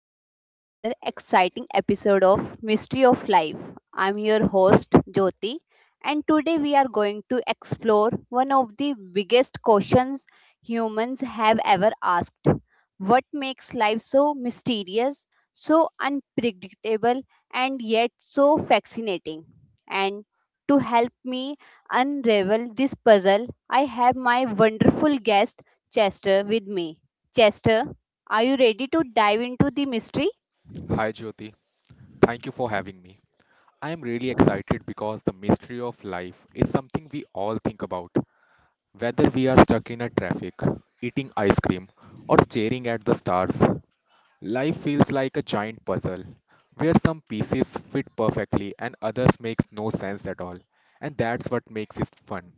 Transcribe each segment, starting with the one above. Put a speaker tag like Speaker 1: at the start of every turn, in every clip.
Speaker 1: welcome to another exciting episode of Mystery of Life. I'm your host, Jyoti, and today we are going to explore one of the biggest questions humans have ever asked. What makes life so mysterious, so unpredictable, and yet so fascinating? And to help me unravel this puzzle, I have my wonderful guest, Chester, with me. Chester, are you ready to dive into the mystery?
Speaker 2: Hi Jyoti, thank you for having me. I am really excited because the mystery of life is something we all think about. Whether we are stuck in a traffic, eating ice cream, or staring at the stars, life feels like a giant puzzle where some pieces fit perfectly and others make no sense at all. And that's what makes it fun.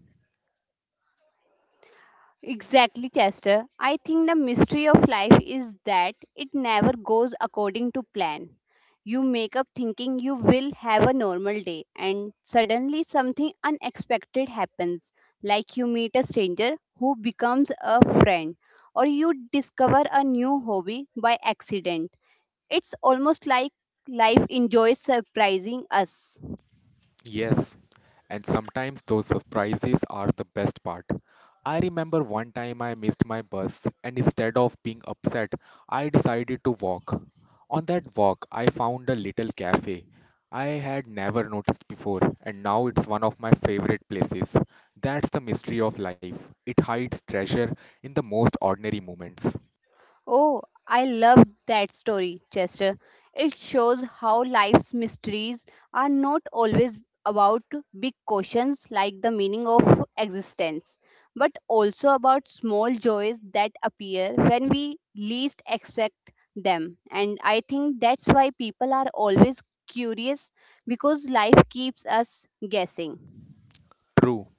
Speaker 1: Exactly, Chester. I think the mystery of life is that it never goes according to plan. You make up thinking you will have a normal day, and suddenly something unexpected happens, like you meet a stranger who becomes a friend, or you discover a new hobby by accident. It's almost like life enjoys surprising us.
Speaker 2: Yes, and sometimes those surprises are the best part. I remember one time I missed my bus, and instead of being upset, I decided to walk. On that walk, I found a little cafe I had never noticed before, and now it's one of my favorite places. That's the mystery of life. It hides treasure in the most ordinary moments.
Speaker 1: Oh, I love that story, Chester. It shows how life's mysteries are not always about big questions like the meaning of existence, but also about small joys that appear when we least expect them. And I think that's why people are always curious, because life keeps us guessing.
Speaker 2: True.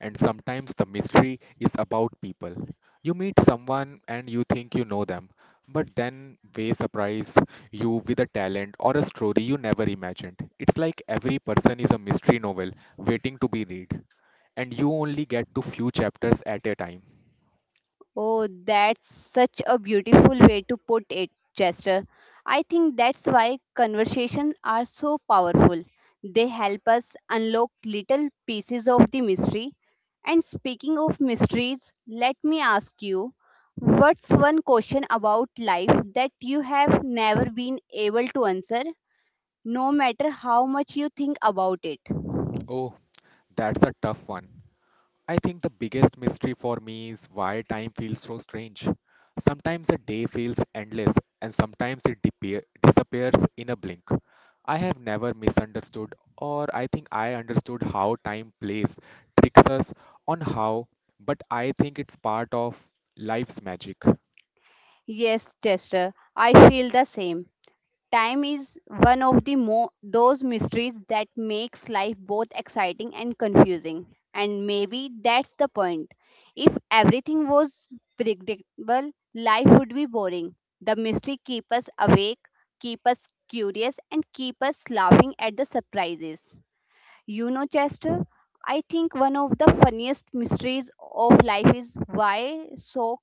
Speaker 2: And sometimes the mystery is about people. You meet someone and you think you know them, but then they surprise you with a talent or a story you never imagined. It's like every person is a mystery novel waiting to be read, and you only get to few chapters at a time.
Speaker 1: Oh, that's such a beautiful way to put it, Chester. I think that's why conversations are so powerful. They help us unlock little pieces of the mystery. And speaking of mysteries, let me ask you, what's one question about life that you have never been able to answer, no matter how much you think about it?
Speaker 2: Oh, that's a tough one. I think the biggest mystery for me is why time feels so strange. Sometimes a day feels endless, and sometimes it disappears in a blink. I have never misunderstood, or I think I understood how time plays, tricks us on how, but I think it's part of life's magic.
Speaker 1: Yes, Chester, I feel the same. Time is one of those mysteries that makes life both exciting and confusing. And maybe that's the point. If everything was predictable, life would be boring. The mystery keep us awake, keep us curious, and keep us laughing at the surprises. You know, Chester, I think one of the funniest mysteries of life is why so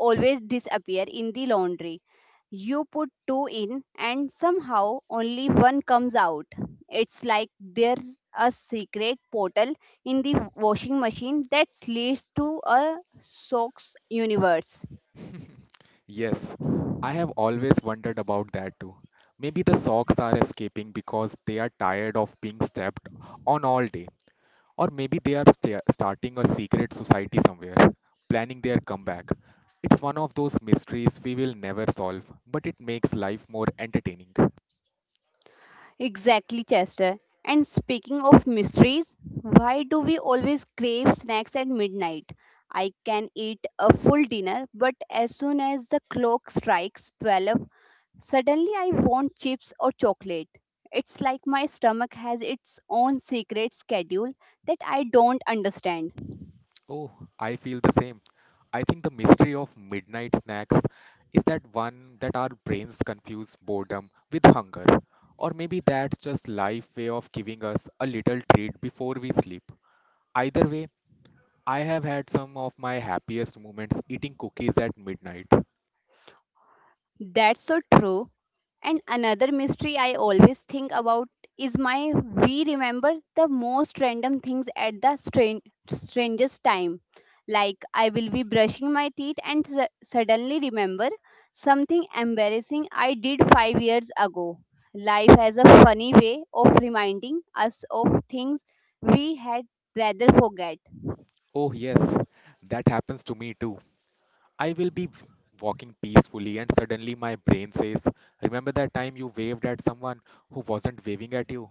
Speaker 1: always disappear in the laundry. You put two in and somehow only one comes out. It's like there's a secret portal in the washing machine that leads to a socks universe.
Speaker 2: Yes, I have always wondered about that too. Maybe the socks are escaping because they are tired of being stepped on all day. Or maybe they are starting a secret society somewhere, planning their comeback. It's one of those mysteries we will never solve, but it makes life more entertaining.
Speaker 1: Exactly, Chester. And speaking of mysteries, why do we always crave snacks at midnight? I can eat a full dinner, but as soon as the clock strikes 12, suddenly, I want chips or chocolate. It's like my stomach has its own secret schedule that I don't understand.
Speaker 2: Oh, I feel the same. I think the mystery of midnight snacks is that one that our brains confuse boredom with hunger. Or maybe that's just life way of giving us a little treat before we sleep. Either way, I have had some of my happiest moments eating cookies at midnight.
Speaker 1: That's so true. And another mystery I always think about is my we remember the most random things at the strangest time. Like I will be brushing my teeth and suddenly remember something embarrassing I did 5 years ago. Life has a funny way of reminding us of things we had rather forget.
Speaker 2: Oh, yes, that happens to me too. I will be walking peacefully, and suddenly my brain says, remember that time you waved at someone who wasn't waving at you?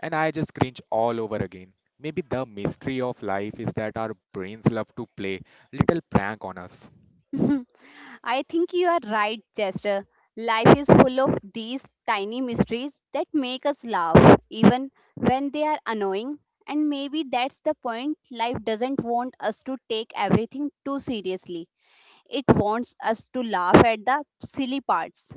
Speaker 2: And I just cringe all over again. Maybe the mystery of life is that our brains love to play little prank on us.
Speaker 1: I think you are right, Chester. Life is full of these tiny mysteries that make us laugh, even when they are annoying. And maybe that's the point. Life doesn't want us to take everything too seriously, it wants us to laugh at the silly parts.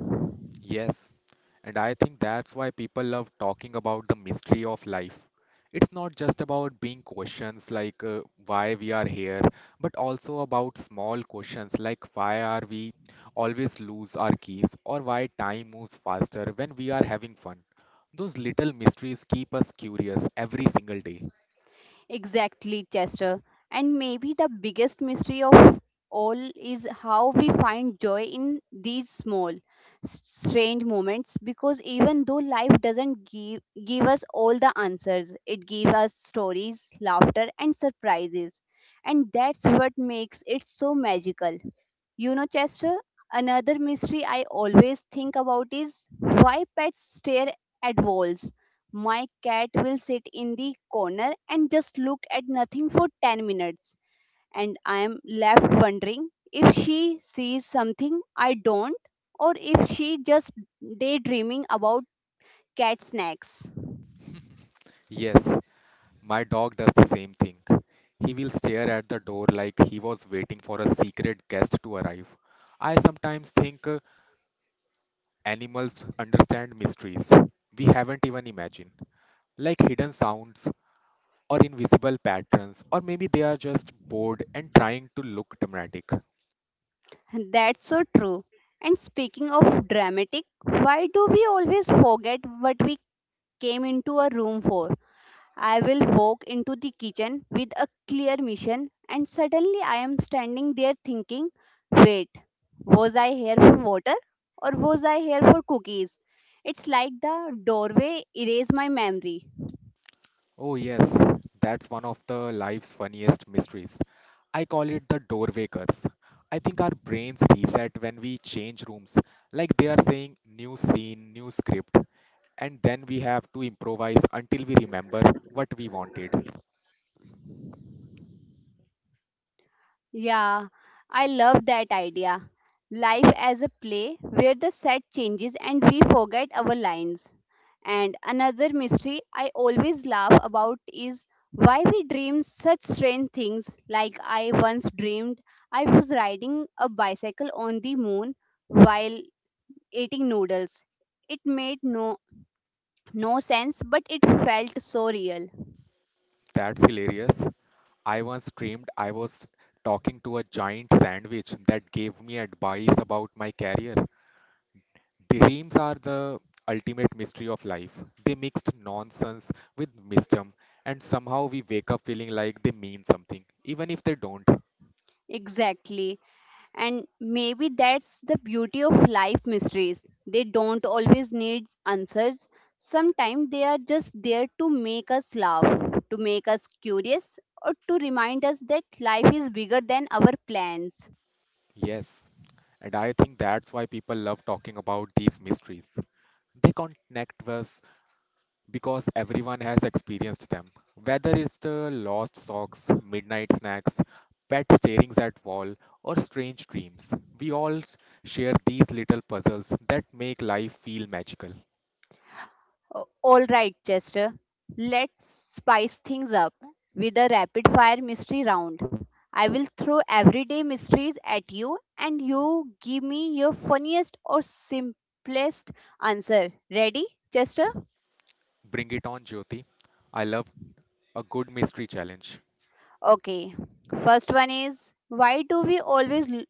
Speaker 2: Yes, and I think that's why people love talking about the mystery of life. It's not just about being questions like why we are here, but also about small questions like why are we always lose our keys or why time moves faster when we are having fun. Those little mysteries keep us curious every single day.
Speaker 1: Exactly, Chester. And maybe the biggest mystery of all is how we find joy in these small, strange moments, because even though life doesn't give us all the answers, it gives us stories, laughter, and surprises. And that's what makes it so magical. You know, Chester, another mystery I always think about is why pets stare at walls. My cat will sit in the corner and just look at nothing for 10 minutes, and I am left wondering if she sees something I don't or if she just daydreaming about cat snacks.
Speaker 2: Yes, my dog does the same thing. He will stare at the door like he was waiting for a secret guest to arrive. I sometimes think animals understand mysteries we haven't even imagined, like hidden sounds or invisible patterns, or maybe they are just bored and trying to look dramatic.
Speaker 1: That's so true. And speaking of dramatic, why do we always forget what we came into a room for? I will walk into the kitchen with a clear mission, and suddenly I am standing there thinking, wait, was I here for water or was I here for cookies? It's like the doorway erased my memory.
Speaker 2: Oh, yes, that's one of the life's funniest mysteries. I call it the doorway curse. I think our brains reset when we change rooms, like they are saying new scene, new script, and then we have to improvise until we remember what we wanted.
Speaker 1: Yeah, I love that idea. Life as a play where the set changes and we forget our lines. And another mystery I always laugh about is why we dream such strange things. Like I once dreamed I was riding a bicycle on the moon while eating noodles. It made no sense but it felt so real.
Speaker 2: That's hilarious. I once dreamed I was talking to a giant sandwich that gave me advice about my career. Dreams are the ultimate mystery of life. They mixed nonsense with wisdom, and somehow we wake up feeling like they mean something, even if they don't.
Speaker 1: Exactly. And maybe that's the beauty of life mysteries. They don't always need answers. Sometimes they are just there to make us laugh, to make us curious, or to remind us that life is bigger than our plans.
Speaker 2: Yes, and I think that's why people love talking about these mysteries. They connect us because everyone has experienced them. Whether it's the lost socks, midnight snacks, pet starings at wall, or strange dreams, we all share these little puzzles that make life feel magical.
Speaker 1: All right, Chester, let's spice things up with a rapid fire mystery round. I will throw everyday mysteries at you, and you give me your funniest or simplest answer. Ready, Chester?
Speaker 2: Bring it on, Jyoti. I love a good mystery challenge
Speaker 1: Okay, first one is, why do we always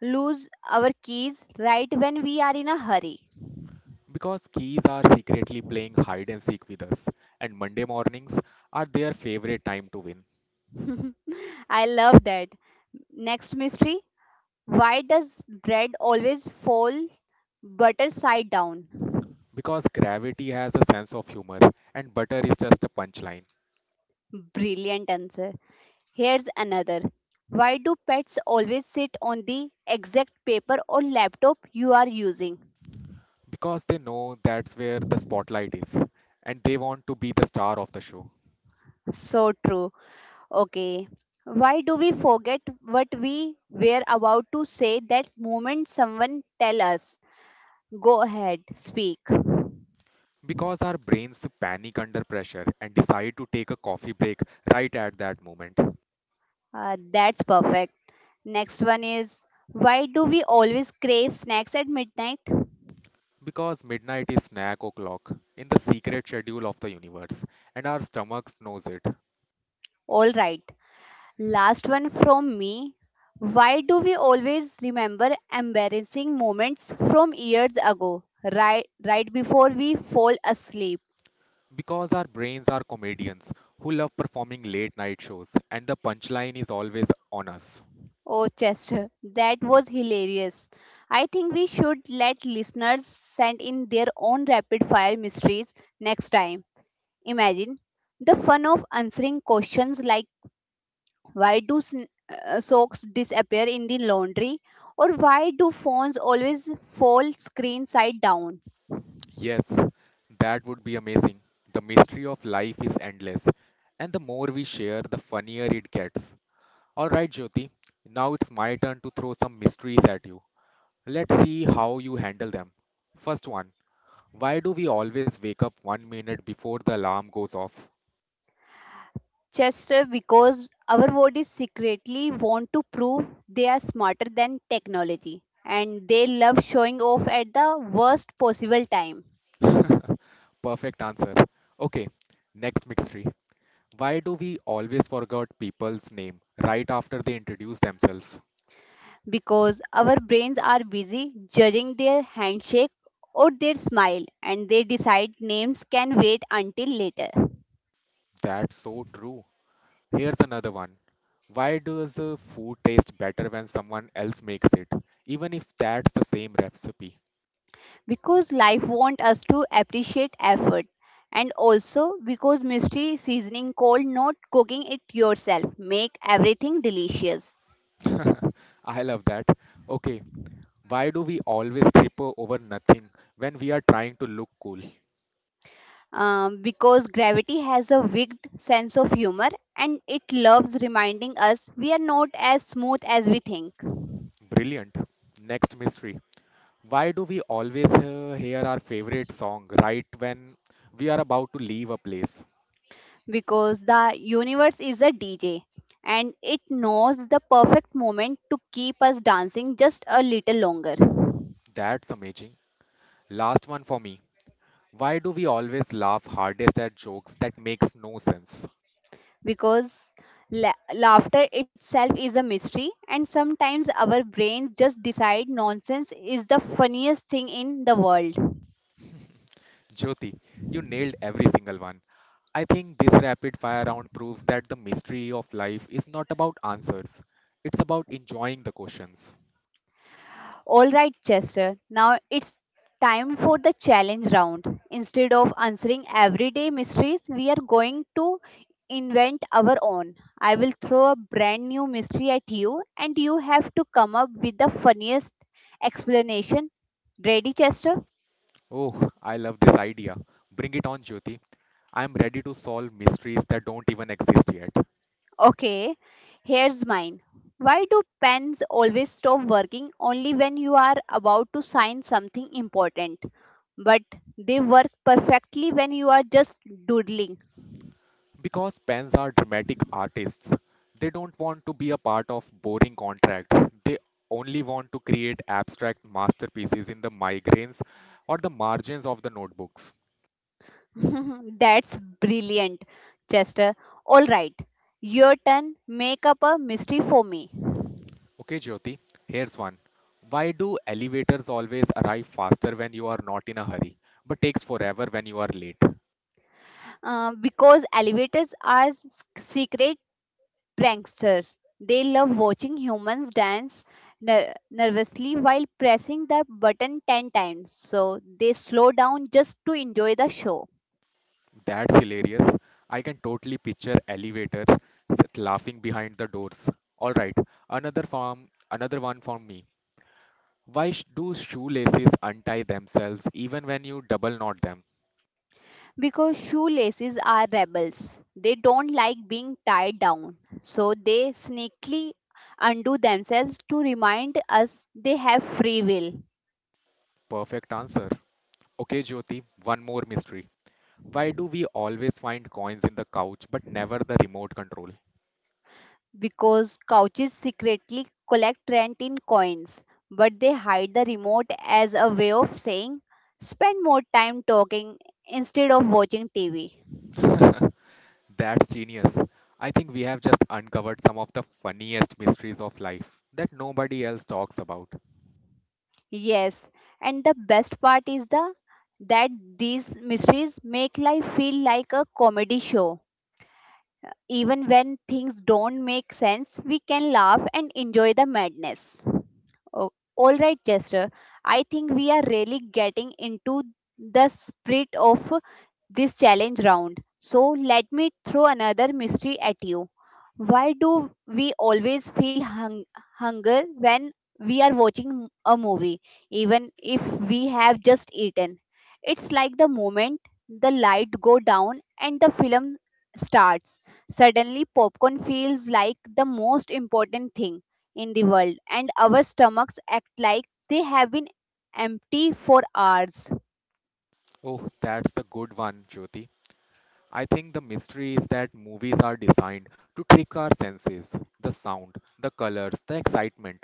Speaker 1: lose our keys right when we are in a hurry?
Speaker 2: because keys are secretly playing hide and seek with us, and Monday mornings are their favorite time to win
Speaker 1: I love that. Next mystery, why does bread always fall butter side down?
Speaker 2: because gravity has a sense of humor and butter is just a punchline
Speaker 1: Brilliant answer. Here's another. Why do pets always sit on the exact paper or laptop you are using?
Speaker 2: because they know that's where the spotlight is and they want to be the star of the show.
Speaker 1: So true. Okay. Why do we forget what we were about to say that moment someone tell us? Go ahead, speak.
Speaker 2: Because our brains panic under pressure and decide to take a coffee break right at that moment.
Speaker 1: That's perfect. Next one is, why do we always crave snacks at midnight?
Speaker 2: Because midnight is snack o'clock in the secret schedule of the universe, and our stomachs knows it.
Speaker 1: All right. Last one from me. Why do we always remember embarrassing moments from years ago, right before we fall asleep?
Speaker 2: Because our brains are comedians who love performing late night shows, and the punchline is always on us.
Speaker 1: Oh, Chester, that was hilarious. I think we should let listeners send in their own rapid fire mysteries next time. Imagine the fun of answering questions like, why do socks disappear in the laundry or why do phones always fall screen side down?
Speaker 2: Yes, that would be amazing. The mystery of life is endless, and the more we share, the funnier it gets. Alright, Jyoti, now it's my turn to throw some mysteries at you. Let's see how you handle them. First one: why do we always wake up 1 minute before the alarm goes off?
Speaker 1: Chester, because our bodies secretly want to prove they are smarter than technology and they love showing off at the worst possible time.
Speaker 2: Perfect answer. Okay, next mystery. Why do we always forget people's name right after they introduce themselves?
Speaker 1: Because our brains are busy judging their handshake or their smile and they decide names can wait until later.
Speaker 2: That's so true. Here's another one. Why does the food taste better when someone else makes it, even if that's the same recipe?
Speaker 1: Because life wants us to appreciate effort, and also because mystery seasoning cold not cooking it yourself make everything delicious.
Speaker 2: I love that. Okay, why do we always trip over nothing when we are trying to look cool?
Speaker 1: Because gravity has a wicked sense of humor and it loves reminding us we are not as smooth as we think.
Speaker 2: Brilliant. Next mystery. Why do we always hear our favorite song right when we are about to leave a place?
Speaker 1: Because the universe is a DJ and it knows the perfect moment to keep us dancing just a little longer.
Speaker 2: That's amazing. Last one for me. Why do we always laugh hardest at jokes that makes no sense?
Speaker 1: Because laughter itself is a mystery, and sometimes our brains just decide nonsense is the funniest thing in the world.
Speaker 2: Jyoti, you nailed every single one. I think this rapid fire round proves that the mystery of life is not about answers. It's about enjoying the questions.
Speaker 1: All right, Chester. Now it's time for the challenge round. Instead of answering everyday mysteries, we are going to invent our own. I will throw a brand new mystery at you, and you have to come up with the funniest explanation. Ready, Chester?
Speaker 2: Oh, I love this idea. Bring it on, Jyoti. I'm ready to solve mysteries that don't even exist yet.
Speaker 1: Okay, here's mine. Why do pens always stop working only when you are about to sign something important? But they work perfectly when you are just doodling.
Speaker 2: Because pens are dramatic artists, they don't want to be a part of boring contracts. They only want to create abstract masterpieces in the migraines or the margins of the notebooks.
Speaker 1: That's brilliant, Chester. All right, your turn. Make up a mystery for me.
Speaker 2: Okay, Jyoti, here's one. Why do elevators always arrive faster when you are not in a hurry, but takes forever when you are late?
Speaker 1: Because elevators are secret pranksters. They love watching humans dance nervously while pressing the button 10 times. So they slow down just to enjoy the show.
Speaker 2: That's hilarious. I can totally picture elevator s- laughing behind the doors. All right, another form, another one for me. Why do shoelaces untie themselves even when you double knot them?
Speaker 1: Because shoelaces are rebels. They don't like being tied down. So they sneakily undo themselves to remind us they have free will.
Speaker 2: Perfect answer. Okay, Jyoti, one more mystery. Why do we always find coins in the couch but never the remote control?
Speaker 1: Because couches secretly collect rent in coins, but they hide the remote as a way of saying, spend more time talking instead of watching TV.
Speaker 2: That's genius. I think we have just uncovered some of the funniest mysteries of life that nobody else talks about.
Speaker 1: Yes, and the best part is the that these mysteries make life feel like a comedy show. Even when things don't make sense, we can laugh and enjoy the madness. Oh, all right, Chester. I think we are really getting into the spirit of this challenge round. So, let me throw another mystery at you. Why do we always feel hunger when we are watching a movie, even if we have just eaten? It's like the moment the light go down and the film starts. Suddenly, popcorn feels like the most important thing in the world, and our stomachs act like they have been empty for hours.
Speaker 2: Oh, that's the good one, Jyoti. I think the mystery is that movies are designed to trick our senses, the sound, the colors, the excitement.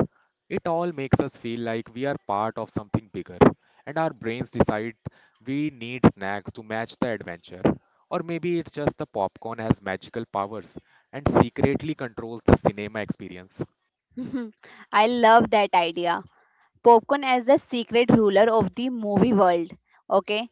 Speaker 2: It all makes us feel like we are part of something bigger, and our brains decide we need snacks to match the adventure. Or maybe it's just the popcorn has magical powers and secretly controls the cinema experience.
Speaker 1: I love that idea. Popcorn as the secret ruler of the movie world. Okay,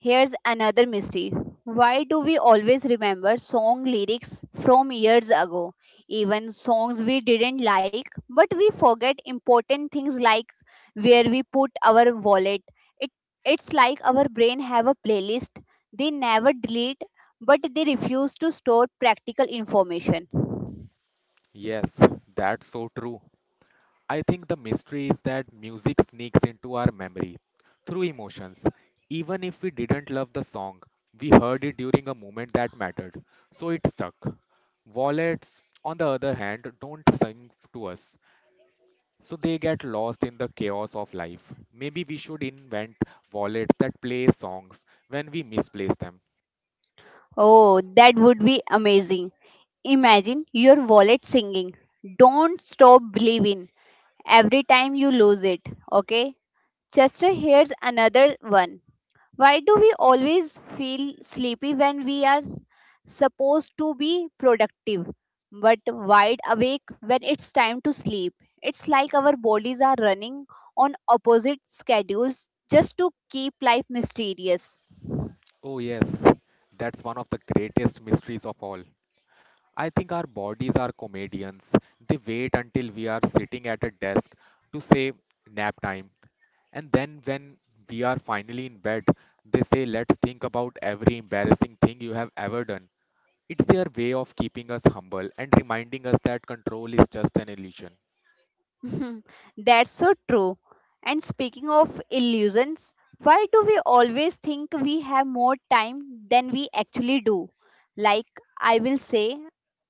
Speaker 1: here's another mystery. Why do we always remember song lyrics from years ago? Even songs we didn't like, but we forget important things like where we put our wallet. It, it's like our brain have a playlist they never delete, but they refuse to store practical information.
Speaker 2: Yes, that's so true. I think the mystery is that music sneaks into our memory through emotions. Even if we didn't love the song, we heard it during a moment that mattered, so it stuck. Wallets, on the other hand, don't sing to us, so they get lost in the chaos of life. Maybe we should invent wallets that play songs when we misplace them.
Speaker 1: Oh, that would be amazing. Imagine your wallet singing, "Don't Stop Believing," every time you lose it. Okay? Chester, here's another one. Why do we always feel sleepy when we are supposed to be productive, but wide awake when it's time to sleep? It's like our bodies are running on opposite schedules just to keep life mysterious.
Speaker 2: Oh, yes, that's one of the greatest mysteries of all. I think our bodies are comedians. They wait until we are sitting at a desk to say nap time. And then when we are finally in bed, they say let's think about every embarrassing thing you have ever done. It's their way of keeping us humble and reminding us that control is just an illusion.
Speaker 1: That's so true. And speaking of illusions, why do we always think we have more time than we actually do? Like, I will say,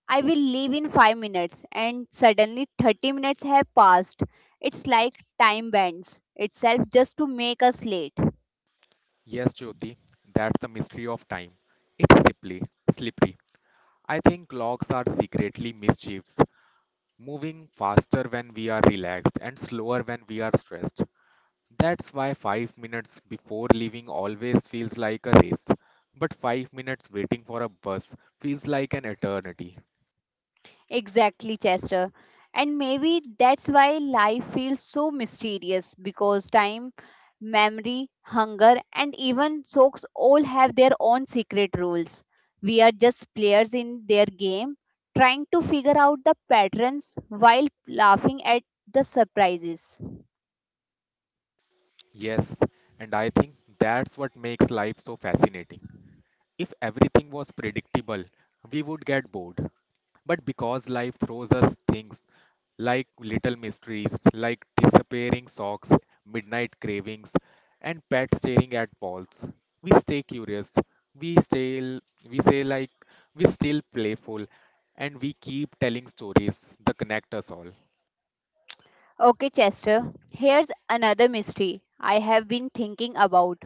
Speaker 1: I will leave in 5 minutes, and suddenly 30 minutes have passed. It's like time bends itself just to make us late.
Speaker 2: Yes, Jyoti, that's the mystery of time. It's simply slippery. I think clocks are secretly mischiefs, moving faster when we are relaxed and slower when we are stressed. That's why 5 minutes before leaving always feels like a race, but 5 minutes waiting for a bus feels like an eternity.
Speaker 1: Exactly, Chester. And maybe that's why life feels so mysterious, because time, memory, hunger, and even socks all have their own secret rules. We are just players in their game, trying to figure out the patterns while laughing at the surprises.
Speaker 2: Yes, and I think that's what makes life so fascinating. If everything was predictable, we would get bored. But because life throws us things like little mysteries, like disappearing socks, midnight cravings, and pets staring at walls, we stay curious. We stay, we say like we still playful, and we keep telling stories that connect us all.
Speaker 1: Okay, Chester, here's another mystery I have been thinking about,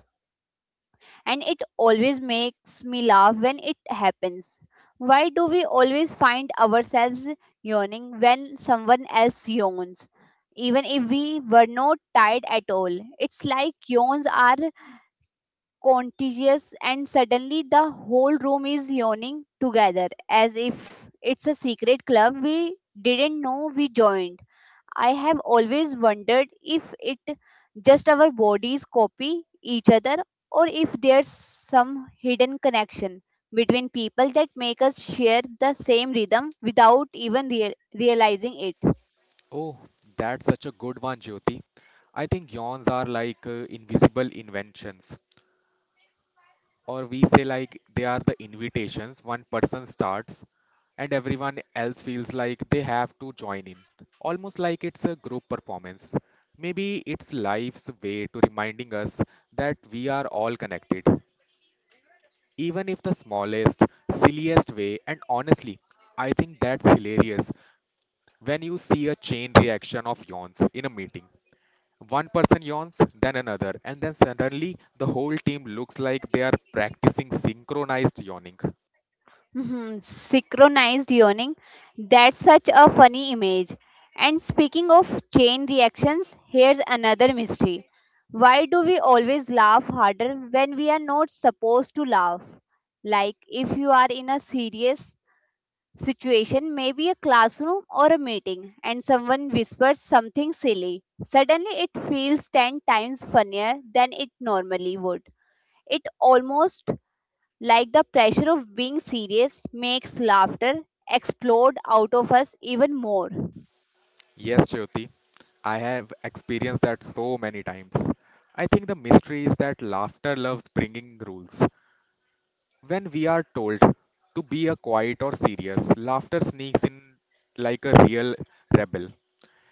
Speaker 1: and it always makes me laugh when it happens. Why do we always find ourselves yawning when someone else yawns? Even if we were not tired at all, it's like yawns are contagious, and suddenly the whole room is yawning together as if it's a secret club we didn't know we joined. I have always wondered if it just our bodies copy each other or if there's some hidden connection between people that make us share the same rhythm without even realizing it.
Speaker 2: Oh, that's such a good one, Jyoti. I think yawns are like invisible inventions. Or we say like they are the invitations one person starts and everyone else feels like they have to join in, almost like it's a group performance. Maybe it's life's way to reminding us that we are all connected, even if the smallest silliest way. And honestly, I think that's hilarious when you see a chain reaction of yawns in a meeting, one person yawns, then another, and then suddenly the whole team looks like they are practicing synchronized yawning.
Speaker 1: Mhm. Synchronized yawning, that's such a funny image. And speaking of chain reactions, here's another mystery. Why do we always laugh harder when we are not supposed to laugh? Like if you are in a serious situation may be a classroom or a meeting and someone whispers something silly. Suddenly it feels 10 times funnier than it normally would. It almost like the pressure of being serious makes laughter explode out of us even more.
Speaker 2: Yes, Jyoti, I have experienced that so many times. I think the mystery is that laughter loves bringing rules. When we are told to be a quiet or serious, laughter sneaks in like a real rebel,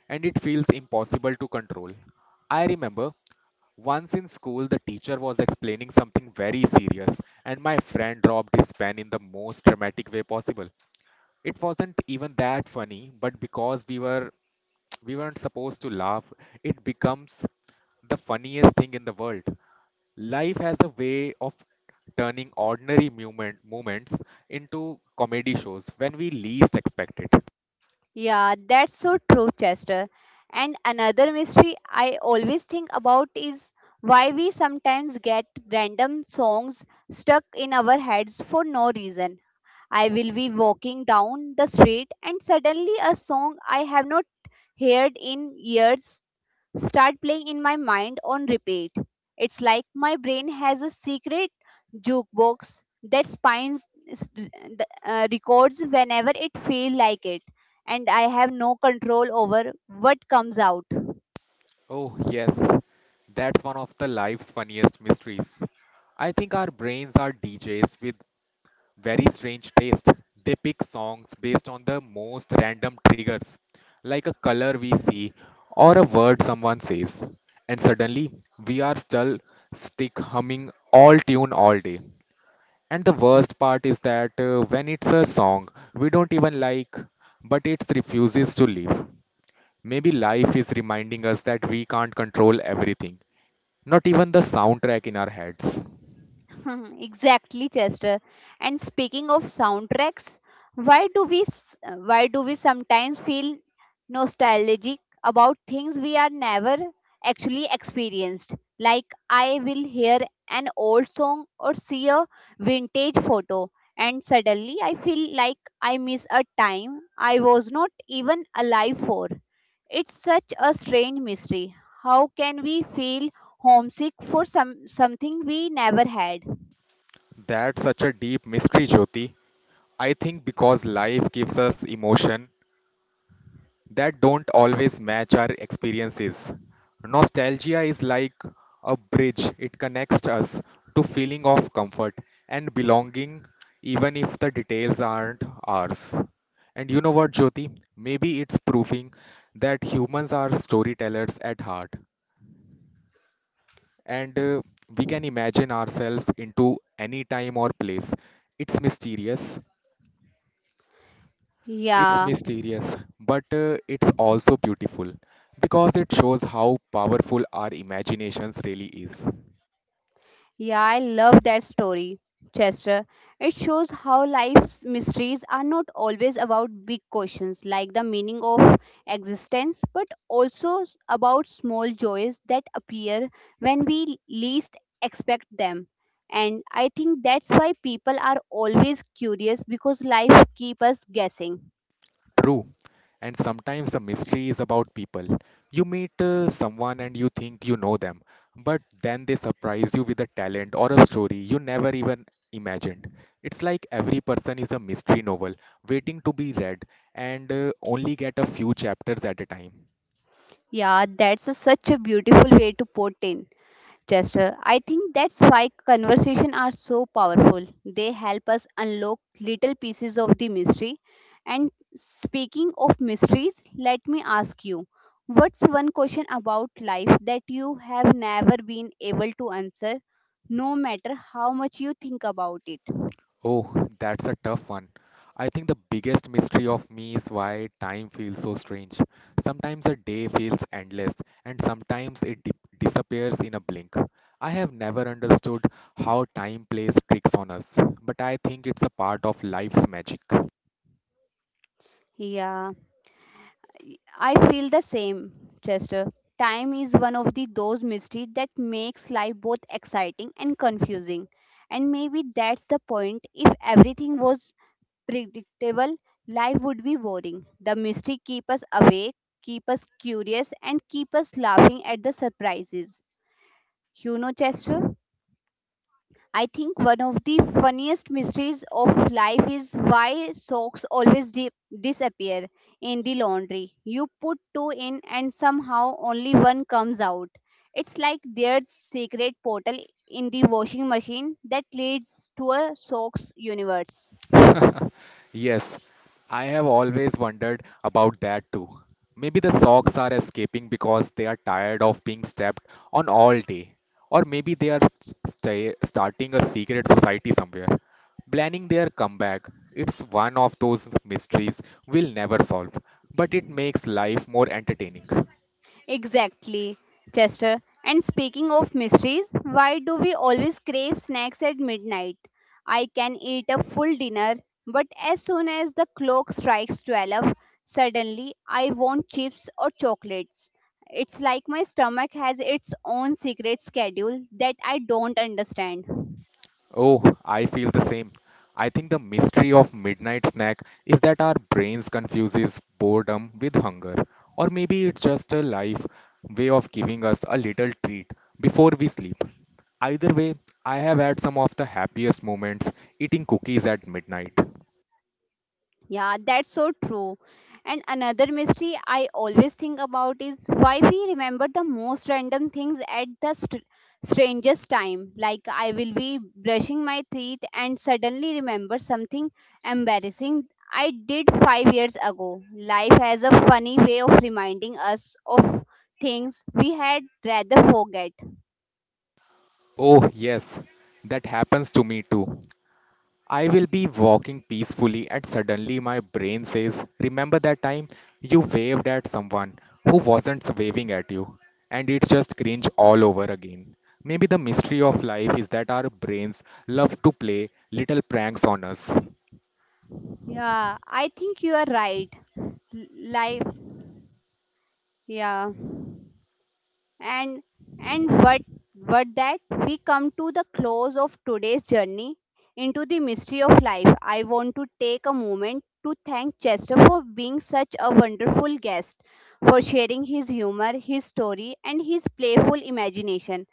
Speaker 2: and it feels impossible to control. I remember once in school, the teacher was explaining something very serious, and my friend dropped his pen in the most dramatic way possible. It wasn't even that funny, but because we weren't supposed to laugh, it becomes the funniest thing in the world. Life has a way of turning ordinary moments into comedy shows when we least expect it.
Speaker 1: Yeah, that's so true, Chester. And another mystery I always think about is why we sometimes get random songs stuck in our heads for no reason. I will be walking down the street and suddenly a song I have not heard in years start playing in my mind on repeat. It's like my brain has a secret jukebox that spines records whenever it feels like it and I have no control over what comes out.
Speaker 2: Oh, yes, that's one of the life's funniest mysteries. I think our brains are DJs with very strange taste. They pick songs based on the most random triggers, like a color we see or a word someone says. And suddenly, we are still stick humming all tune all day. And the worst part is that when it's a song we don't even like, but it refuses to leave. Maybe life is reminding us that we can't control everything, not even the soundtrack in our heads.
Speaker 1: Exactly, Chester. And speaking of soundtracks, why do we s- why do we sometimes feel nostalgic about things we are never actually experienced? Like I will hear an old song or see a vintage photo and suddenly I feel like I miss a time I was not even alive for. It's such a strange mystery. How can we feel homesick for something we never had?
Speaker 2: That's such a deep mystery, Jyoti. I think because life gives us emotion that don't always match our experiences. Nostalgia is like a bridge, it connects us to feeling of comfort and belonging, even if the details aren't ours. And you know what, Jyoti? Maybe it's proving that humans are storytellers at heart and we can imagine ourselves into any time or place. It's mysterious It's
Speaker 1: Yeah,
Speaker 2: mysterious, but it's also beautiful because it shows how powerful our imaginations really is.
Speaker 1: yeah, I love that story, Chester. It shows how life's mysteries are not always about big questions like the meaning of existence, but also about small joys that appear when we least expect them. And I think that's why people are always curious because life keeps us guessing.
Speaker 2: True, and sometimes the mystery is about people. You meet someone and you think you know them, but then they surprise you with a talent or a story you never even imagined. It's like every person is a mystery novel waiting to be read, and only get a few chapters at a time.
Speaker 1: Yeah, such a beautiful way to put it, Chester. I think that's why conversation are so powerful. They help us unlock little pieces of the mystery. And speaking of mysteries, let me ask you, what's one question about life that you have never been able to answer, no matter how much you think about it?
Speaker 2: Oh, that's a tough one. I think the biggest mystery of me is why time feels so strange. Sometimes a day feels endless, and sometimes it disappears in a blink. I have never understood how time plays tricks on us, but I think it's a part of life's magic.
Speaker 1: Yeah. I feel the same, Chester. Time is one of the those mysteries that makes life both exciting and confusing. And maybe that's the point. If everything was predictable, life would be boring. The mystery keep us awake, keep us curious, and keep us laughing at the surprises. You know, Chester? I think one of the funniest mysteries of life is why socks always disappear in the laundry. You put two in and somehow only one comes out. It's like there's secret portal in the washing machine that leads to a socks universe.
Speaker 2: Yes, I have always wondered about that too. Maybe the socks are escaping because they are tired of being stepped on all day. Or maybe they are starting a secret society somewhere, planning their comeback. It's one of those mysteries we'll never solve, but it makes life more entertaining.
Speaker 1: Exactly, Chester. And speaking of mysteries, why do we always crave snacks at midnight? I can eat a full dinner, but as soon as the clock strikes 12, suddenly I want chips or chocolates. It's like my stomach has its own secret schedule that I don't understand.
Speaker 2: Oh, I feel the same. I think the mystery of midnight snack is that our brains confuses boredom with hunger, or maybe it's just a life way of giving us a little treat before we sleep. Either way, I have had some of the happiest moments eating cookies at midnight.
Speaker 1: Yeah, that's so true. And another mystery I always think about is why we remember the most random things at the strangest time. Like I will be brushing my teeth and suddenly remember something embarrassing I did 5 years ago. Life has a funny way of reminding us of things we had rather forget.
Speaker 2: Oh, yes, that happens to me too. I will be walking peacefully and suddenly my brain says, remember that time you waved at someone who wasn't waving at you? And it's just cringe all over again. Maybe the mystery of life is that our brains love to play little pranks on us.
Speaker 1: Yeah, I think you are right. Life, yeah. and and what that we come to the close of today's journey into the mystery of life. I want to take a moment to thank Chester for being such a wonderful guest, for sharing his humor, his story, and his playful imagination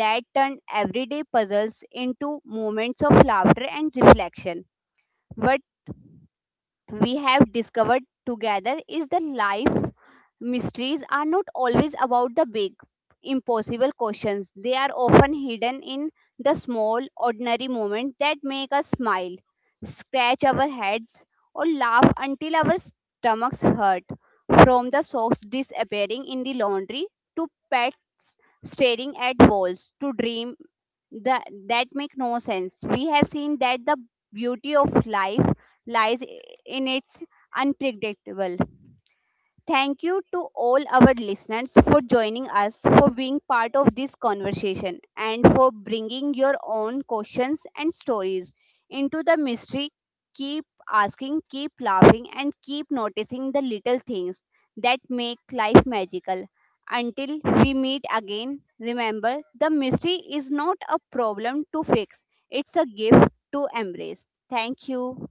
Speaker 1: that turned everyday puzzles into moments of laughter and reflection. What we have discovered together is that life mysteries are not always about the big, impossible questions. They are often hidden in the small, ordinary moments that make us smile, scratch our heads, or laugh until our stomachs hurt. From the socks disappearing in the laundry to pets staring at walls to dream that make no sense. We have seen that the beauty of life lies in its unpredictable. Thank you to all our listeners for joining us, for being part of this conversation, and for bringing your own questions and stories into the mystery. Keep asking, keep laughing, and keep noticing the little things that make life magical. Until we meet again, remember the mystery is not a problem to fix, it's a gift to embrace. Thank you.